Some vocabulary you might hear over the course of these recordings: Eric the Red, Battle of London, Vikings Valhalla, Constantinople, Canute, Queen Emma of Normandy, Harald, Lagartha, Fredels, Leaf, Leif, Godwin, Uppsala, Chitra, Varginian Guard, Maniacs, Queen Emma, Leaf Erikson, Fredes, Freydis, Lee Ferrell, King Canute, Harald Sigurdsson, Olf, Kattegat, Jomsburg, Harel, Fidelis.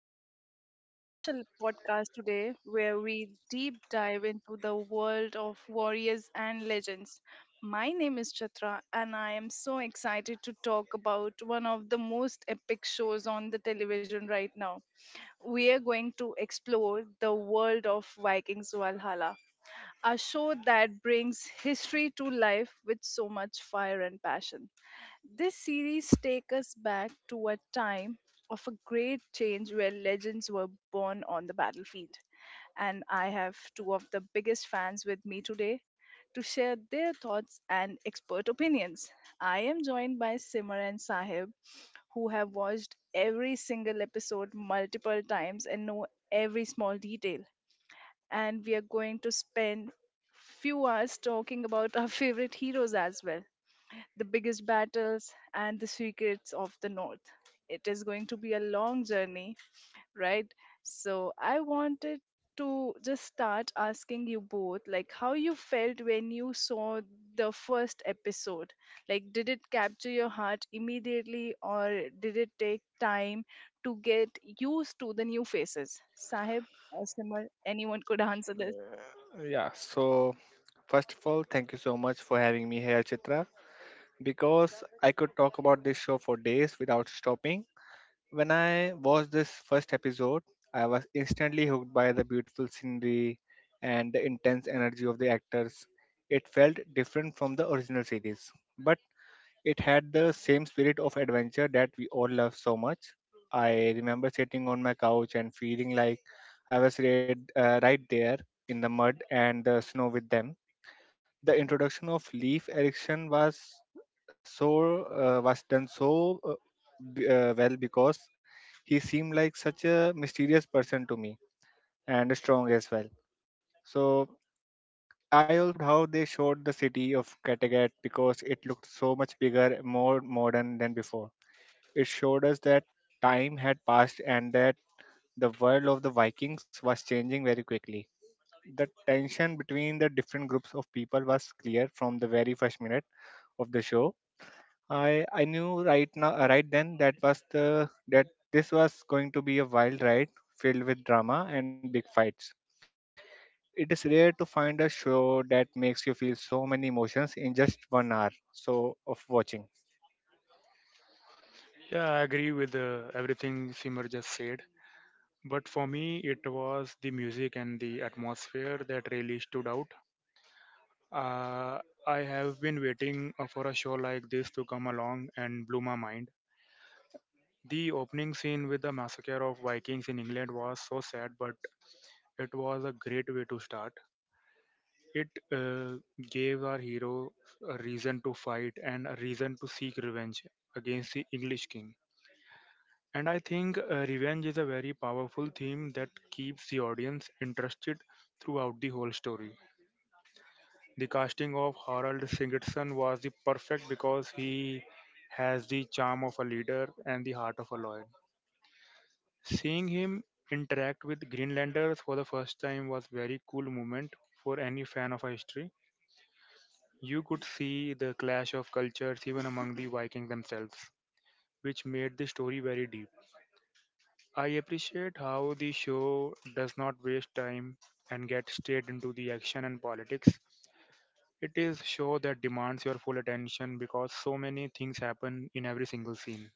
to our special podcast today where we deep dive into the world of warriors and legends. My name is Chitra and I am so excited to talk about one of the most epic shows on the television right now. We are going to explore the world of Vikings Valhalla, a show that brings history to life with so much fire and passion. This series takes us back to a time of a great change where legends were born on the battlefield. And I have two of the biggest fans with me today to share their thoughts and expert opinions. I am joined by Simar and Sahib, who have watched every single episode multiple times and know every small detail. And we are going to spend few hours talking about our favorite heroes as well the biggest battles, and the secrets of the North. It is going to be a long journey, right? So I wanted to just start asking you both like how you felt when you saw the first episode, like did it capture your heart immediately or did it take time to get used to the new faces, Sahib or Simar, anyone could answer. Yeah, so first of all, thank you so much for having me here, Chitra, because I could talk about this show for days without stopping. When I watched this first episode, I was instantly hooked by the beautiful scenery and the intense energy of the actors. It felt different from the original series, but it had the same spirit of adventure that we all love so much. I remember sitting on my couch and feeling like I was right there in the mud and the snow with them. The introduction of Leaf Erection was was done well, because he seemed like such a mysterious person to me and strong as well. So I also loved how they showed the city of Kattegat, because it looked so much bigger, more modern than before. It showed us that time had passed and that the world of the Vikings was changing very quickly. The tension between the different groups of people was clear from the very first minute of the show. I knew right then that was the that this was going to be a wild ride filled with drama and big fights. It is rare to find a show that makes you feel so many emotions in just 1 hour, so of watching. Yeah, I agree with everything Simar just said. But for me, it was the music and the atmosphere that really stood out. Uh, I have been waiting for a show like this to come along and blew my mind. The opening scene with the massacre of Vikings in England was so sad, but it was a great way to start. It uh, Gave our hero a reason to fight and a reason to seek revenge against the English king. And I think revenge is a very powerful theme that keeps the audience interested throughout the whole story. The casting of Harald Sigurdsson was the perfect because he has the charm of a leader and the heart of a lion. Seeing him interact with Greenlanders for the first time was very cool moment for any fan of history. You could see the clash of cultures even among the Vikings themselves, which made the story very deep. I appreciate how the show does not waste time and get straight into the action and politics. It is show that demands your full attention because so many things happen in every single scene.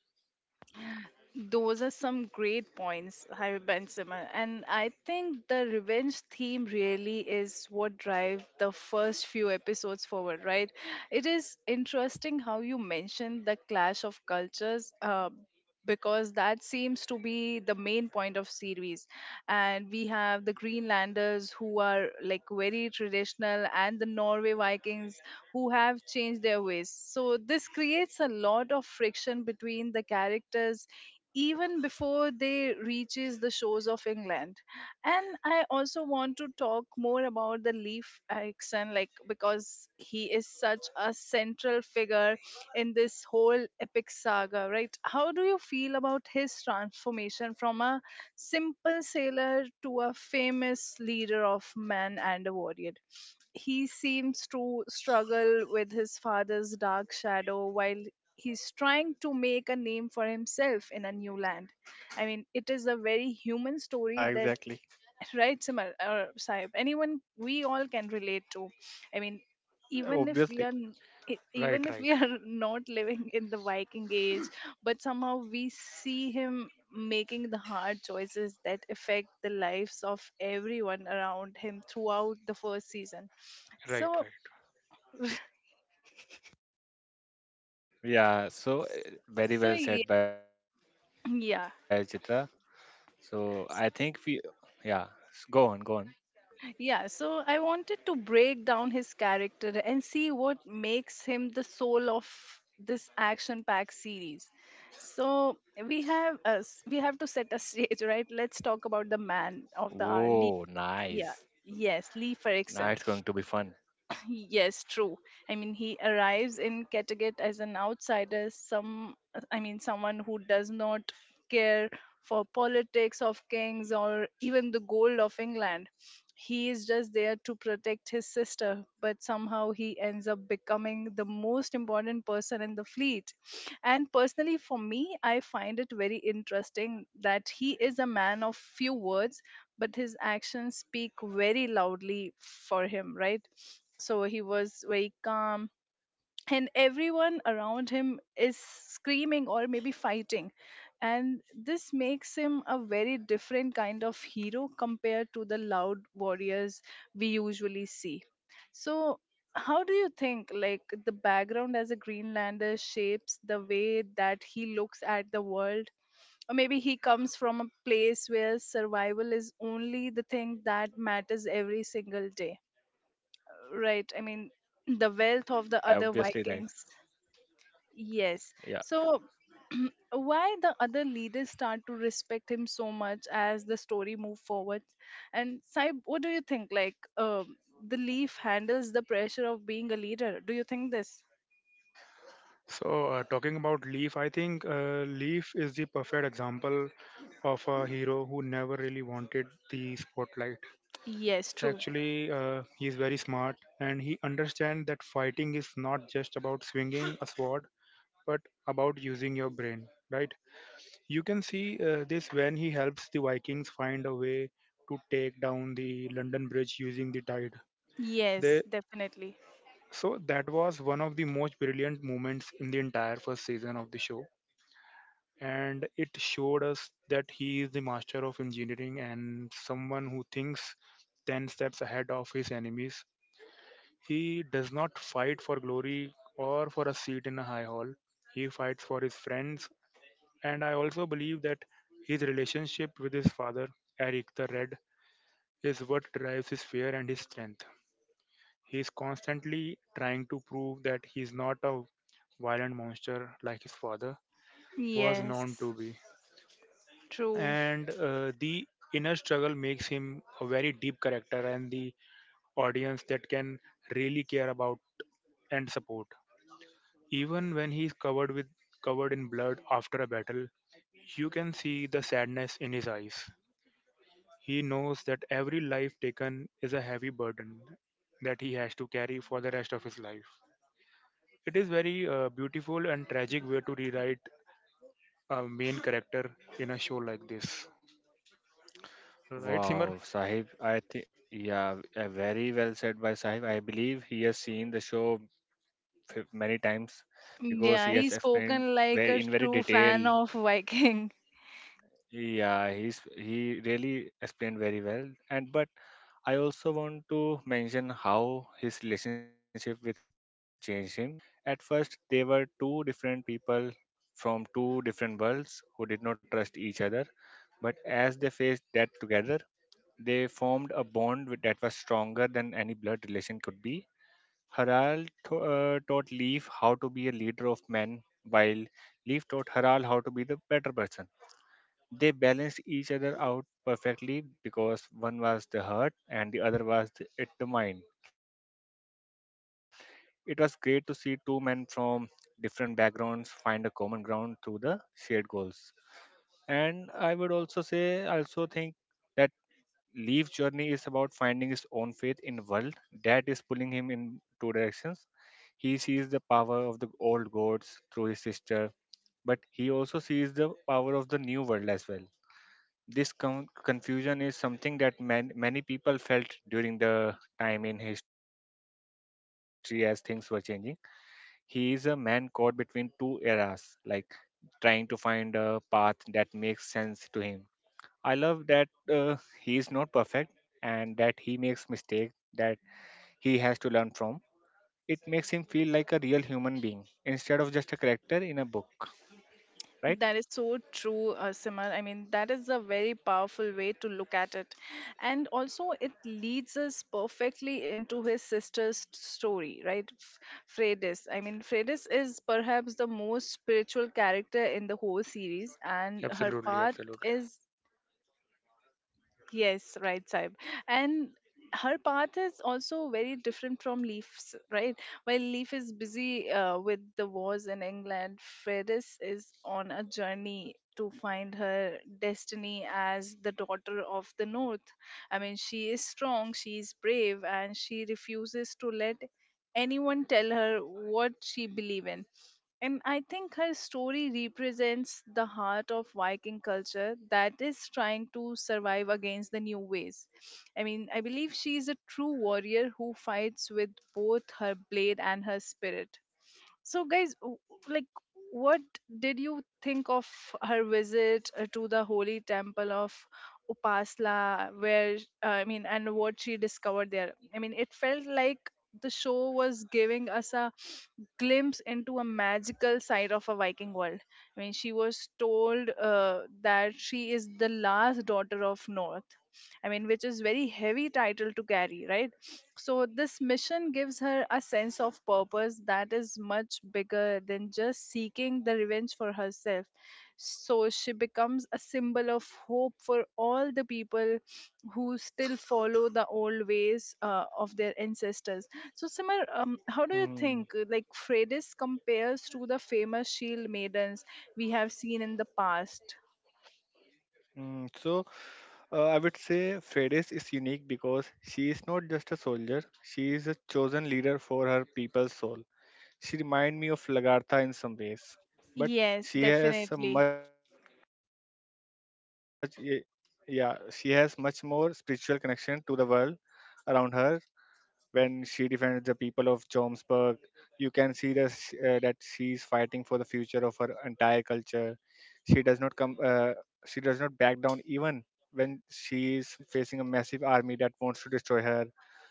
Those are some great points, Habib and Simran. And I think the revenge theme really is what drive the first few episodes forward, right? It is interesting how you mentioned the clash of cultures. Because that seems to be the main point of series, and we have the Greenlanders who are like very traditional, and the Norway Vikings who have changed their ways, so this creates a lot of friction between the characters even before they reaches the shores of England. And I also want to talk more about the Leaf Erikson, like because he is such a central figure in this whole epic saga, right? How do you feel about his transformation from a simple sailor to a famous leader of men and a warrior? He seems to struggle with his father's dark shadow while he's trying to make a name for himself in a new land. I mean, it is a Yeah, very human exactly. story that, right Simar or Sahib, anyone we all can relate to. I mean, even if Obviously. E- Right, even if we right, are not living in the Viking age, but somehow we see him making the hard choices that affect the lives of everyone around him throughout the first season. right, So right. Yeah, so, very so well said by Chitra. yeah. So I think we, yeah, go on. Yeah, so I wanted to break down his character and see what makes him the soul of this action-packed series. So we have to set a stage, right? Let's talk about the man of the hour, Whoa, Lee. nice. Yeah, yes, Lee Now Ferrell. it's going to be fun. Yes, true. I mean, he arrives in Kattegat as an outsider, some, I mean, someone who does not care for politics of kings or even the gold of England. He is just there to protect his sister, but somehow he ends up becoming the most important person in the fleet. And personally, for me, I find it very interesting that he is a man of few words but his actions speak very loudly for him, right? So he was very calm, and everyone around him is screaming or maybe fighting. And this makes him a very different kind of hero compared to the loud warriors we usually see. So, how do you think like the background as a Greenlander shapes the way that he looks at the world, or maybe he comes from a place where survival is only the thing that matters every single day, right? I mean, the wealth of the Yeah, other obviously, right. Vikings, yes, Yeah. so why the other leaders start to respect him so much as the story move forward. And Saib, what do you think, like the Leaf handles the pressure of being a leader, do you think this? So, talking about Leaf, I think Leaf is the perfect example of a hero who never really wanted the spotlight. Yes, true. Actually, he is very smart and he understands that fighting is not just about swinging a sword, but about using your brain, right? You can see this when he helps the Vikings find a way to take down the London Bridge using the tide. Yes, They definitely. So that was one of the most brilliant moments in the entire first season of the show, and it showed us that he is the master of engineering and someone who thinks 10 steps ahead of his enemies. He does not fight for glory or for a seat in a high hall. He fights for his friends. And I also believe that his relationship with his father, Eric the Red, is what drives his fear and his strength. He is constantly trying to prove that he is not a violent monster like his father was known Yes, to be. true. And the inner struggle makes him a very deep character and the audience that can really care about and support. Even when he is covered in blood after a battle, you can see the sadness in his eyes. He knows that every life taken is a heavy burden that he has to carry for the rest of his life. It is very beautiful and tragic way to rewrite a main character in a show like this. Right, Simar? Wow, Sahib, I think, yeah, very well said by Sahib. I believe he has seen the show many times, because Yeah, he has he's explained spoken like very a in very true fan detail. of Viking. Yeah, he really explained very well. And but I also want to mention how his relationship with Harel changed him. At first, they were two different people from two different worlds who did not trust each other, but as they faced death together, they formed a bond that was stronger than any blood relation could be. Harald taught Leif how to be a leader of men, while Leif taught Harald how to be the better person. They balanced each other out perfectly, because one was the heart and the other was the mind. It was great to see two men from different backgrounds find a common ground through the shared goals. And I would also say, I also think that Leaf's journey is about finding his own faith in the world that is pulling him in two directions. He sees the power of the old gods through his sister, but he also sees the power of the new world as well. This confusion is something that many people felt during the time in history as things were changing. He is a man caught between two eras, like trying to find a path that makes sense to him. I love that he is not perfect and that he makes mistakes that he has to learn from. It makes him feel like a real human being instead of just a character in a book, right? That is so true, Simar. I mean, that is a very powerful way to look at it. And also, it leads us perfectly into his sister's story, right? Freydis. I mean, Freydis is perhaps the most spiritual character in the whole series, and her Absolutely, path absolutely. is, yes, right, Saib. And her path is also very different from Leaf's, right? While Leaf is busy with the wars in England, Ferris is on a journey to find her destiny as the daughter of the North. I mean, she is strong, she is brave, and she refuses to let anyone tell her what she believes in. And I think her story represents the heart of Viking culture that is trying to survive against the new ways. I mean, I believe she is a true warrior who fights with both her blade and her spirit. So, guys, like, what did you think of her visit to the holy temple of Upasla, where, I mean, and what she discovered there? I mean, it felt like the show was giving us a glimpse into a magical side of a Viking world. I mean, she was told that she is the last daughter of North. I mean, which is very heavy title to carry, right? So, this mission gives her a sense of purpose that is much bigger than just seeking the revenge for herself. So, she becomes a symbol of hope for all the people who still follow the old ways of their ancestors. So, Simar, how do you Hmm. think, like, Freydis compares to the famous shield maidens we have seen in the past? So I would say Fredes is unique, because she is not just a soldier, she is a chosen leader for her people's soul. She remind me of Lagartha in some ways, but Yes, she has a definitely. much ye- yeah she has much more spiritual connection to the world around her. When she defends the people of Jomsburg, you can see that she's fighting for the future of her entire culture. She does not come. She does not back down even when she is facing a massive army that wants to destroy her.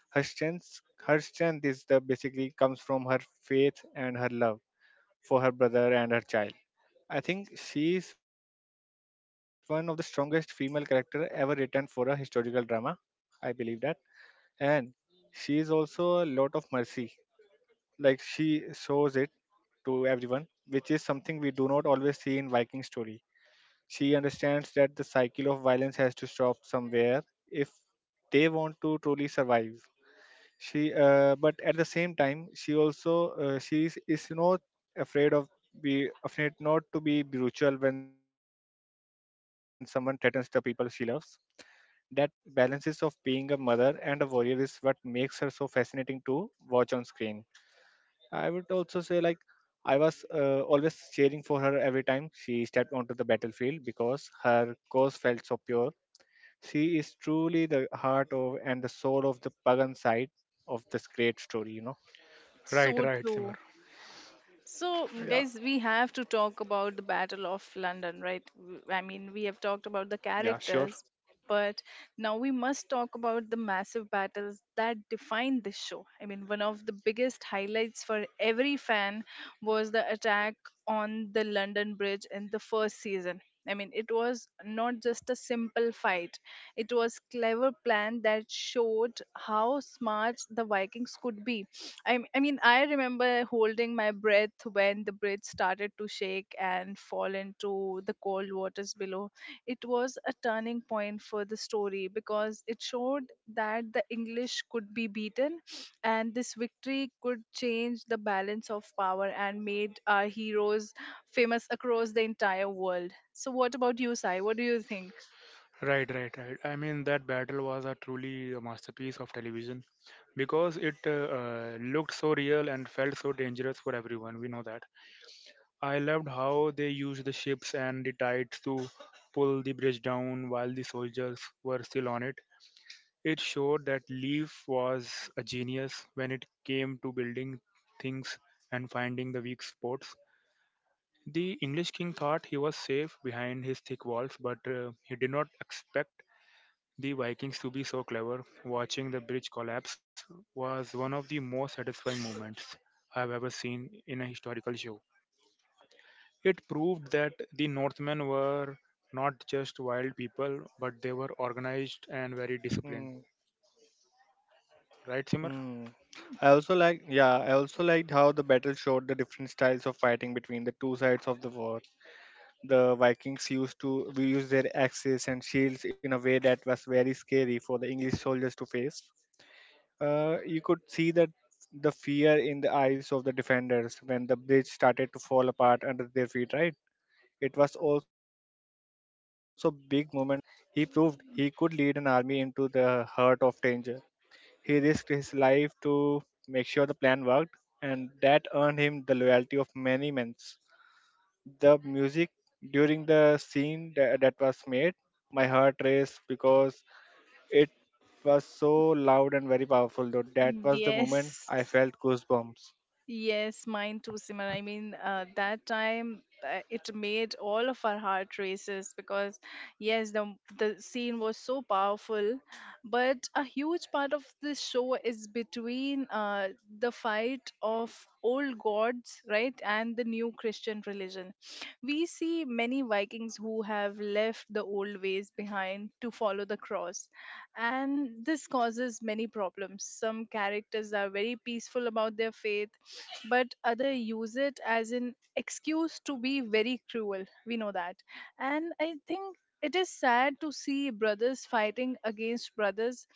Her strength, her strength is the basically comes from her faith and her love for her brother and her child. I think she is one of the strongest female character ever written for a historical drama. I believe that. And she is also a lot of mercy. Like, she shows it to everyone, which is something we do not always see in Viking story. She understands that the cycle of violence has to stop somewhere if they want to truly survive. She But at the same time, she is not afraid of afraid not to be brutal when someone threatens the people she loves. That balances of being a mother and a warrior is what makes her so fascinating to watch on screen. I would also say, like, I was always cheering for her every time she stepped onto the battlefield, because her cause felt so pure. She is truly the heart of and the soul of the pagan side of this great story, you know. Right, So right, Simar. true. So, Yeah, guys, we have to talk about the Battle of London, right? I mean, we have talked yeah, about the sure. characters, but now we must talk about the massive battles that define this show. I mean, one of the biggest highlights for every fan was the attack on the London Bridge in the first season. I mean, it was not just a simple fight. It was clever plan that showed how smart the Vikings could be. I mean, I remember holding my breath when the bridge started to shake and fall into the cold waters below. It was a turning point for the story because it showed that the English could be beaten, and this victory could change the balance of power and made our heroes famous across the entire world. So, what about you, Sai? What do you think? Right, right, right. I mean, that battle was a truly a masterpiece of television because it looked so real and felt so dangerous for everyone. We know that. I loved how they used the ships and the tides to pull the bridge down while the soldiers were still on it. It showed that Leaf was a genius when it came to building things and finding the weak spots. The English king thought he was safe behind his thick walls, but he did not expect the Vikings to be so clever. Watching the bridge collapse was one of the most satisfying moments I've ever seen in a historical show. It proved that the Northmen were not just wild people, but they were organized and very Mm, disciplined. Right, Simar? mm. I also liked how the battle showed the different styles of fighting between the two sides of the war. The Vikings used to we used their axes and shields in a way that was very scary for the English soldiers to face. You could see that the fear in the eyes of the defenders when the bridge started to fall apart under their feet. Right? It was also big moment for Harald, because he proved he could lead an army into the heart of danger. He risked his life to make sure the plan worked, and that earned him the loyalty of many men. The music during the scene that was made, my heart raced because it was so loud and very powerful. Though that was the moment I Yes. felt goosebumps. Yes, mine too, Simran. I mean, that time it made all of our heart races because, yes, the scene was so powerful, but a huge part of this show is between the fight of old gods, right, and the new Christian religion. We see many Vikings who have left the old ways behind to follow the cross, and this causes many problems. Some characters are very peaceful about their faith but other use it as an excuse to be very cruel, we know that. And I think it is sad to see brothers fighting against brothers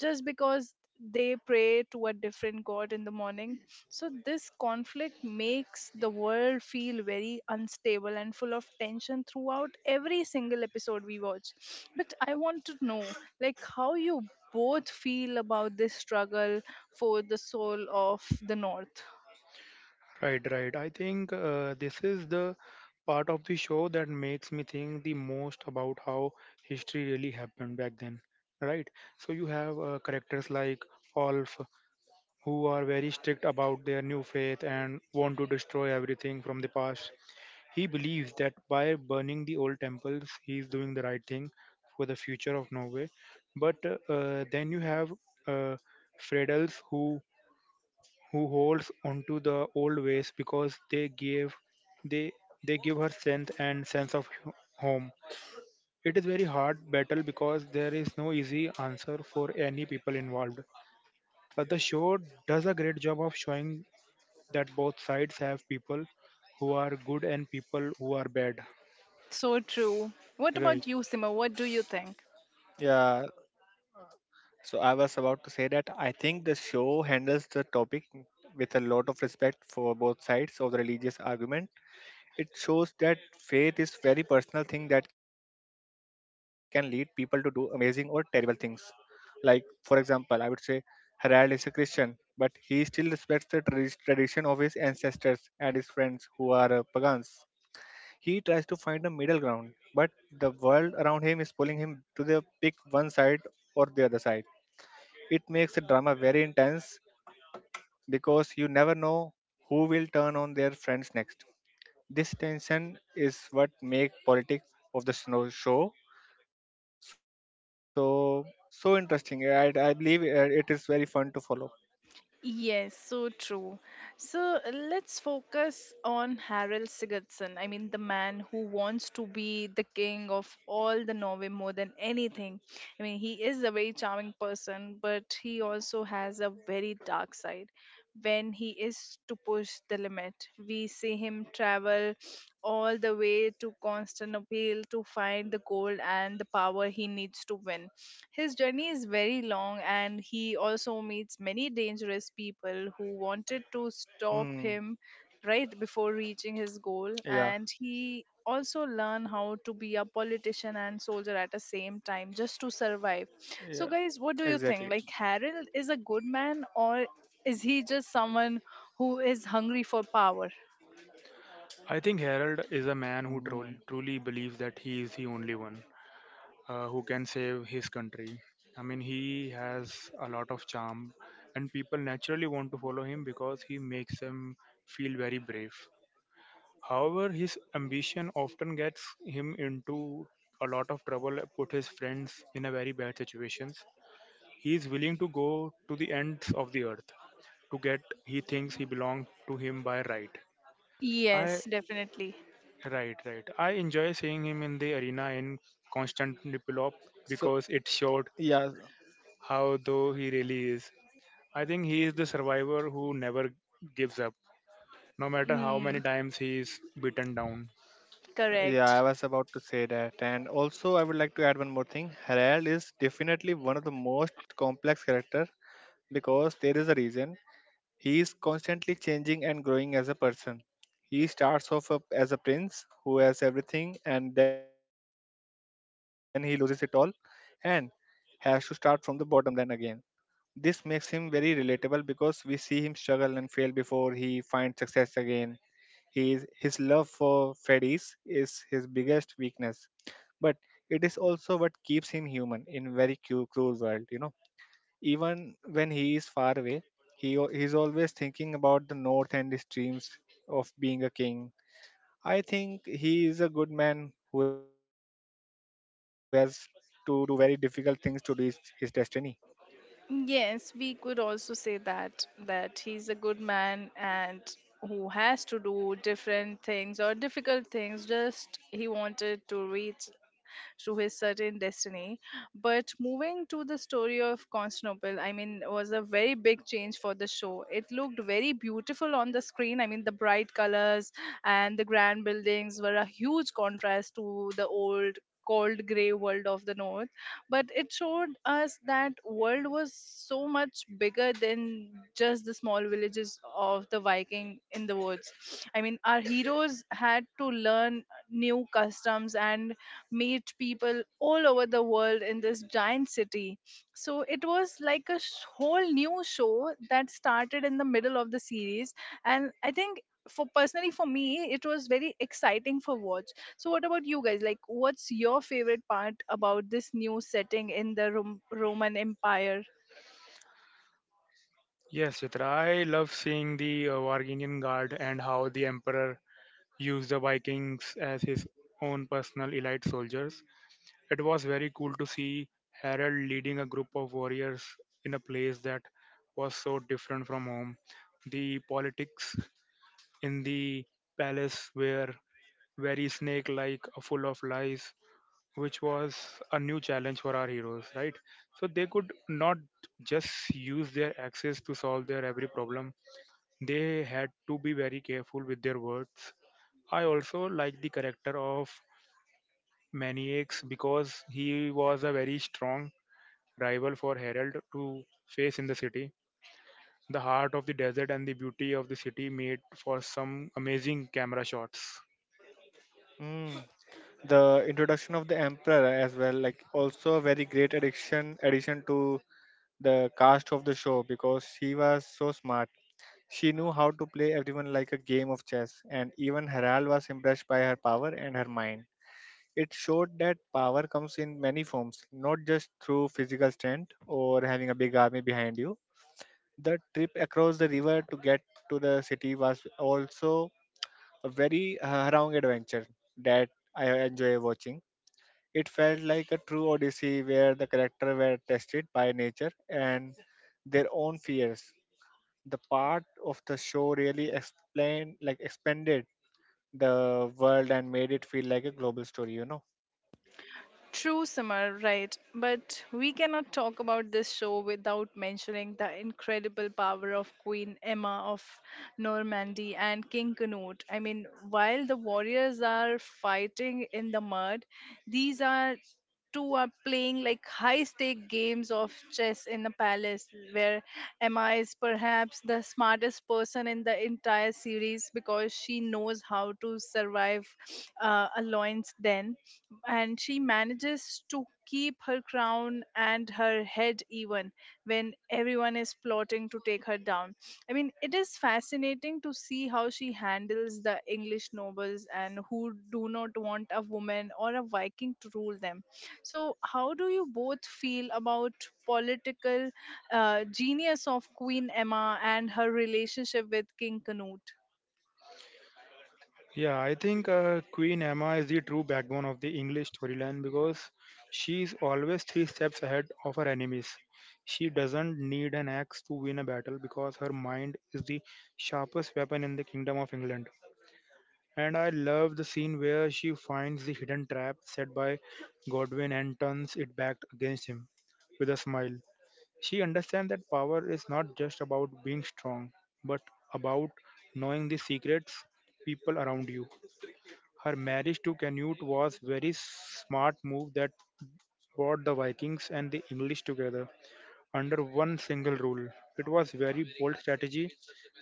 just because they pray to a different god in the morning. So this conflict makes the world feel very unstable and full of tension throughout every single episode we watch. But I want to know like how you both feel about this struggle for the soul of the North. Right, right. I think this is the part of the show that makes me think the most about how history really happened back then. Right? So you have characters like Olf who are very strict about their new faith and want to destroy everything from the past. He believes that by burning the old temples, he is doing the right thing for the future of Norway. But then you have uh, Fredels who holds onto the old ways because they gave they they give her strength and sense of home. It is very hard battle because there is no easy answer for any people involved. But the show does a great job of showing that both sides have people who are good and people who are bad. So true. What Right. about you, Sima? What do you Yeah, think? so I was about to say that I think the show handles the topic with a lot of respect for both sides of the religious argument. It shows that faith is very personal thing that can lead people to do amazing or terrible things. Like, for example, I would say Harald is a Christian, but he still respects the tradition of his ancestors and his friends who are pagans. He tries to find a middle ground, but the world around him is pulling him to the pick one side or the other side. It makes the drama very intense, because you never know who will turn on their friends next. This tension is what make politics of the snow show so so interesting. I believe it is very fun to follow. Yes, so true. So let's focus on Harald Sigurdsson. I mean, the man who wants to be the king of all the Norway more than anything. I mean, he is a very charming person, but he also has a very dark side when he is to push the limit. We see him travel all the way to Constantinople to find the gold and the power he needs to win. His journey is very long, and he also meets many dangerous people who wanted to stop Hmm. him right before reaching his goal. Yeah. And he also learn how to be a politician and soldier at the same time just to survive. So, Yeah. guys, what do you think? Exactly. Like, Harold is a good man, or is he just someone who is hungry for power? I think Harold is a man who Hmm. truly believes that he is the only one who can save his country. I mean, he has a lot of charm, and people naturally want to follow him because he makes them feel very brave. However, his ambition often gets him into a lot of trouble, put his friends in a very bad situations. He is willing to go to the ends of the earth to get he thinks he belongs to him by right. I Yes, definitely. Right, right. I enjoy seeing him in the arena in So, Constantinople yeah, because it showed how though he really is. I think he is the survivor who never gives up, no matter how Hmm. many times he is beaten down. yeah. Correct. I was about to say that, and also I would like to add one more thing. Herald is definitely one of the most complex character, because there is a reason. He is constantly changing and growing as a person. He starts off up as a prince who has everything and then he loses it all and has to start from the bottom then again. This makes him very relatable because we see him struggle and fail before he finds success again. His love for Freddy's is his biggest weakness, but it is also what keeps him human in very cruel world, you know. Even when he is far away, he is always thinking about the north and the streams of being a king. I think he is a good man who has to do very difficult things to reach his destiny. Yes, we could also say that that he's a good man and who has to do different things or difficult things. Just he wanted to reach to his certain destiny. But moving to the story of Constantinople, I mean, was a very big change for the show. It looked very beautiful on the screen. I mean, the bright colors and the grand buildings were a huge contrast to the old cold gray world of the north, but it showed us that world was so much bigger than just the small villages of the viking in the woods. I mean, our heroes had to learn new customs and meet people all over the world in this giant city. So it was like a whole new show that started in the middle of the series, and I think for personally for me it was very exciting for watch. So what about you guys, like what's your favorite part about this new setting in the Roman Empire? Yes, Chitra, I love seeing the Varginian Guard and how the Emperor used the Vikings as his own personal elite soldiers. It was very cool to see Harold leading a group of warriors in a place that was so different from home. The politics in the palace were very snake like, full of lies, which was a new challenge for our heroes, right? So they could not just use their axes to solve their every problem, they had to be very careful with their words. I also like the character of Maniacs because he was a very strong rival for Herald to face in the city. The heart of the desert and the beauty of the city made for some amazing camera shots. Mm. The introduction of the emperor as well, like, also a very great addition to the cast of the show, because she was so smart. She knew how to play everyone like a game of chess, and even Harald was impressed by her power and her mind. It showed that power comes in many forms, not just through physical strength or having a big army behind you. The trip across the river to get to the city was also a very harrowing adventure that I enjoy watching. It felt like a true odyssey where the characters were tested by nature and their own fears. The part of the show really explained, like expanded the world and made it feel like a global story, you know. True, Summer, right. But we cannot talk about this show without mentioning the incredible power of Queen Emma of Normandy and King Canute. I mean, while the warriors are fighting in the mud, these are two are playing like high stake games of chess in a palace where Emma is perhaps the smartest person in the entire series because she knows how to survive a lion's den, and she manages to keep her crown and her head even when everyone is plotting to take her down. I mean, it is fascinating to see how she handles the English nobles and who do not want a woman or a Viking to rule them. So, how do you both feel about political genius of Queen Emma and her relationship with King Canute? Yeah, I think Queen Emma is the true backbone of the English storyline because she is always three steps ahead of her enemies. She doesn't need an axe to win a battle because her mind is the sharpest weapon in the Kingdom of England. And I love the scene where she finds the hidden trap set by Godwin and turns it back against him with a smile. She understands that power is not just about being strong, but about knowing the secrets people around you. Her marriage to Canute was very smart move that brought the Vikings and the English together under one single rule. It was very bold strategy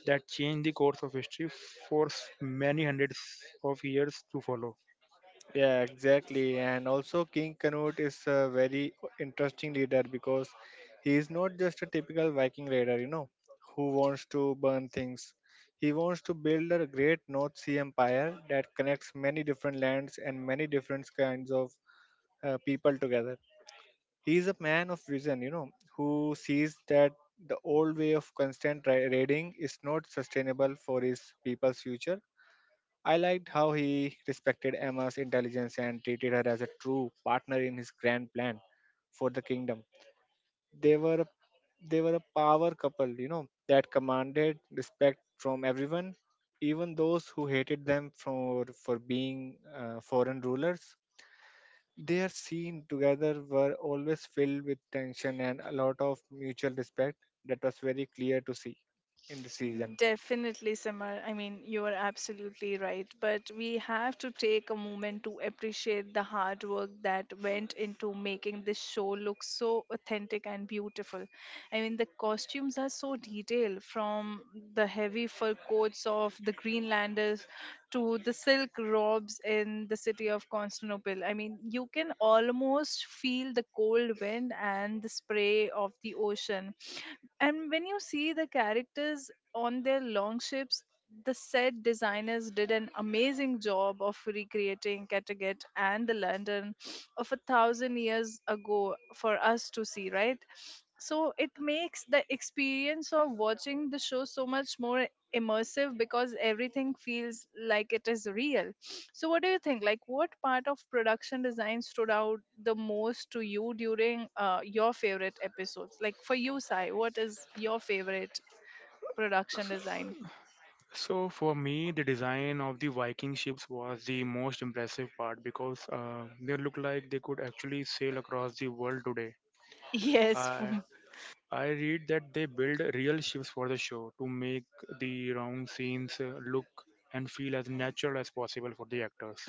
that changed the course of history for many hundreds of years to follow. Yeah, exactly. And also, King Canute is a very interesting leader because he is not just a typical Viking raider, you know, who wants to burn things. He wants to build a great North Sea empire that connects many different lands and many different kinds of people together. He is a man of vision, you know, who sees that the old way of constant raiding is not sustainable for his people's future. I liked how he respected Emma's intelligence and treated her as a true partner in his grand plan for the kingdom. They were a- they were a power couple, you know, that commanded respect from everyone, even those who hated them for being foreign rulers. Their scene together were always filled with tension and a lot of mutual respect that was very clear to see in the Mm, season. definitely, Simar. I mean, you are absolutely right. But we have to take a moment to appreciate the hard work that went into making this show look so authentic and beautiful. I mean, the costumes are so detailed, from the heavy fur coats of the Greenlanders to the silk robes in the city of Constantinople. I mean, you can almost feel the cold wind and the spray of the ocean. And when you see the characters on their long ships, the set designers did an amazing job of recreating Kattegat and the London of a thousand years ago for us to see, right? So it makes the experience of watching the show so much more immersive because everything feels like it is real. So what do you think, like what part of production design stood out the most to you during your favorite episodes? Like, for you Sai, what is your favorite production design? So for me, the design of the Viking ships was the most impressive part because they look like they could actually sail across the world today. Yes, for I I read that they build real ships for the show to make the round scenes look and feel as natural as possible for the actors.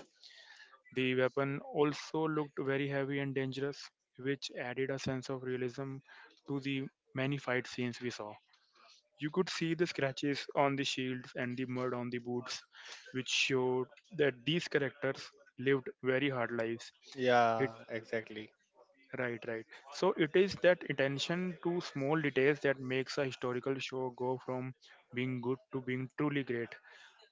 The weapon also looked very heavy and dangerous, which added a sense of realism to the many fight scenes we saw. You could see the scratches on the shields and the mud on the boots, which showed that these characters lived very hard lives. It Yeah, exactly. Right, right. So it is that attention to small details that makes a historical show go from being good to being truly great.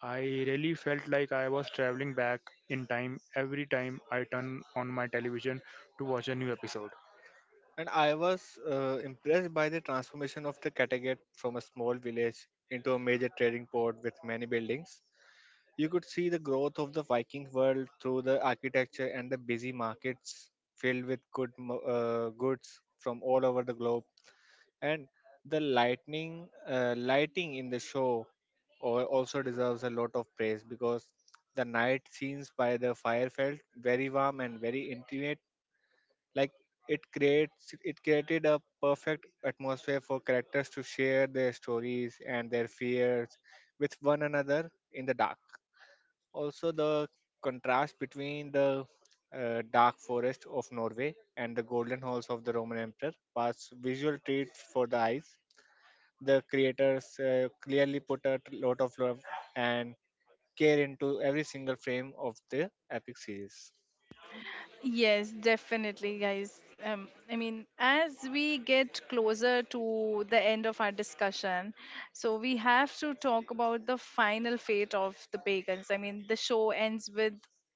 I really felt like I was traveling back in time every time I turned on my television to watch a new episode. And I was impressed by the transformation of the Kattegat from a small village into a major trading port with many buildings. You could see the growth of the Viking world through the architecture and the busy markets filled with goods from all over the globe. And the lighting in the show also deserves a lot of praise, because the night scenes by the fire felt very warm and very intimate, like, it created a perfect atmosphere for characters to share their stories and their fears with one another in the dark. Also, the contrast between the dark forest of Norway and the golden halls of the Roman emperor was visual treat for the eyes. The creators clearly put a lot of love and care into every single frame of the epic series. Yes, definitely, guys. I mean, as we get closer to the end of our discussion, so we have to talk about the final fate of the pagans. I mean, the show ends with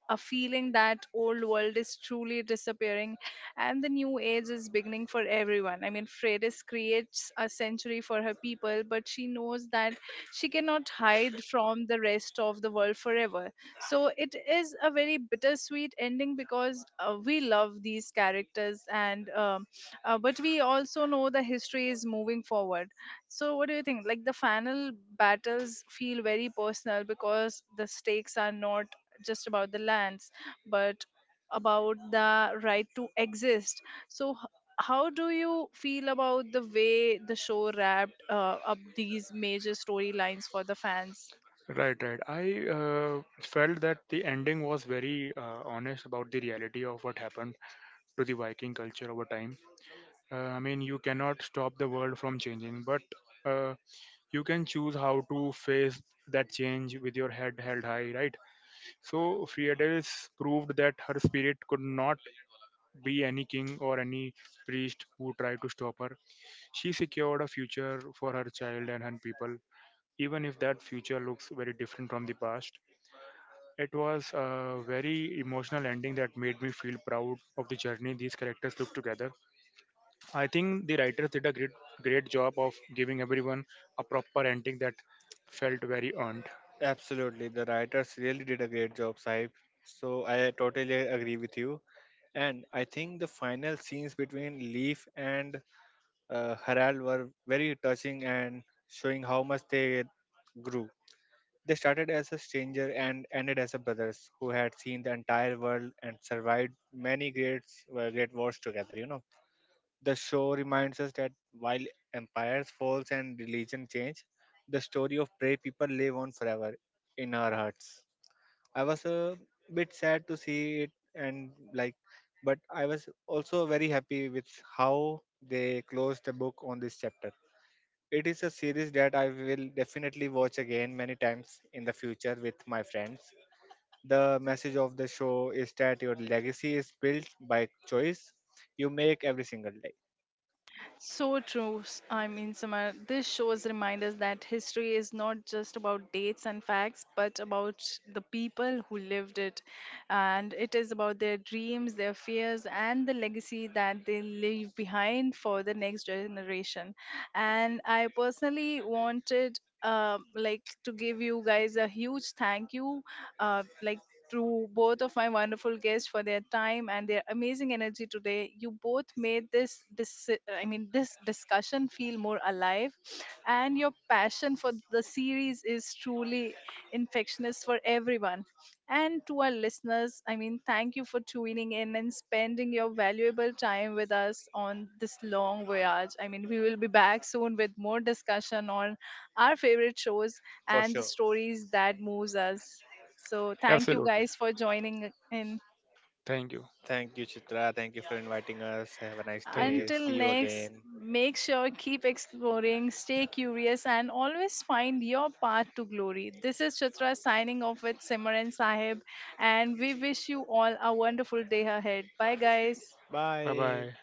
a feeling that old world is truly disappearing and the new age is beginning for everyone. I mean, Freydis creates a century for her people, but she knows that she cannot hide from the rest of the world forever. So it is a very bittersweet ending because we love these characters, and but we also know the history is moving forward. So what do you think? Like, the final battles feel very personal because the stakes are not just about the lands, but about the right to exist. So how do you feel about the way the show wrapped up these major storylines for the fans? Right, right. I felt that the ending was very honest about the reality of what happened to the Viking culture over time. I mean, you cannot stop the world from changing, but uh, you can choose how to face that change with your head held high, right? So Fidelis proved that her spirit could not be any king or any priest who tried to stop her. She secured a future for her child and her people, even if that future looks very different from the past. It was a very emotional ending that made me feel proud of the journey these characters took together. I think the writers did a great job of giving everyone a proper ending that felt very earned. Absolutely, the writers really did a great job, Saib. So I totally agree with you. And I think the final scenes between Leaf and Harald were very touching and showing how much they grew. They started as a stranger and ended as a brothers who had seen the entire world and survived many great wars together. You know, the show reminds us that while empires falls and religion change, the story of brave people live on forever in our hearts. I was a bit sad to see it and, like, but I was also very happy with how they closed the book on this chapter. It is a series that I will definitely watch again many times in the future with my friends. The message of the show is that your legacy is built by choice you make every single day, So true, I mean, Samar. This shows remind us that history is not just about dates and facts, but about the people who lived it. And it is about their dreams, their fears, and the legacy that they leave behind for the next generation. And I personally wanted. Like, to give you guys a huge thank you like to both of my wonderful guests for their time and their amazing energy today. You both made this I mean, this discussion feel more alive, and your passion for the series is truly infectious for everyone. And to our listeners, I mean, thank you for tuning in and spending your valuable time with us on this long voyage. I mean, we will be back soon with more discussion on our favorite shows for and the sure. stories that moves us. So thank you Absolutely. guys for joining in. Thank you. Thank you, Chitra. Thank you for inviting us. Have a nice Thank day. you so See Until you much. next, again. make sure keep exploring, stay curious, and always find your path to glory. This is Chitra signing off with Simran Sahib, and we wish you all a wonderful day ahead. Bye, guys. Bye Bye. bye.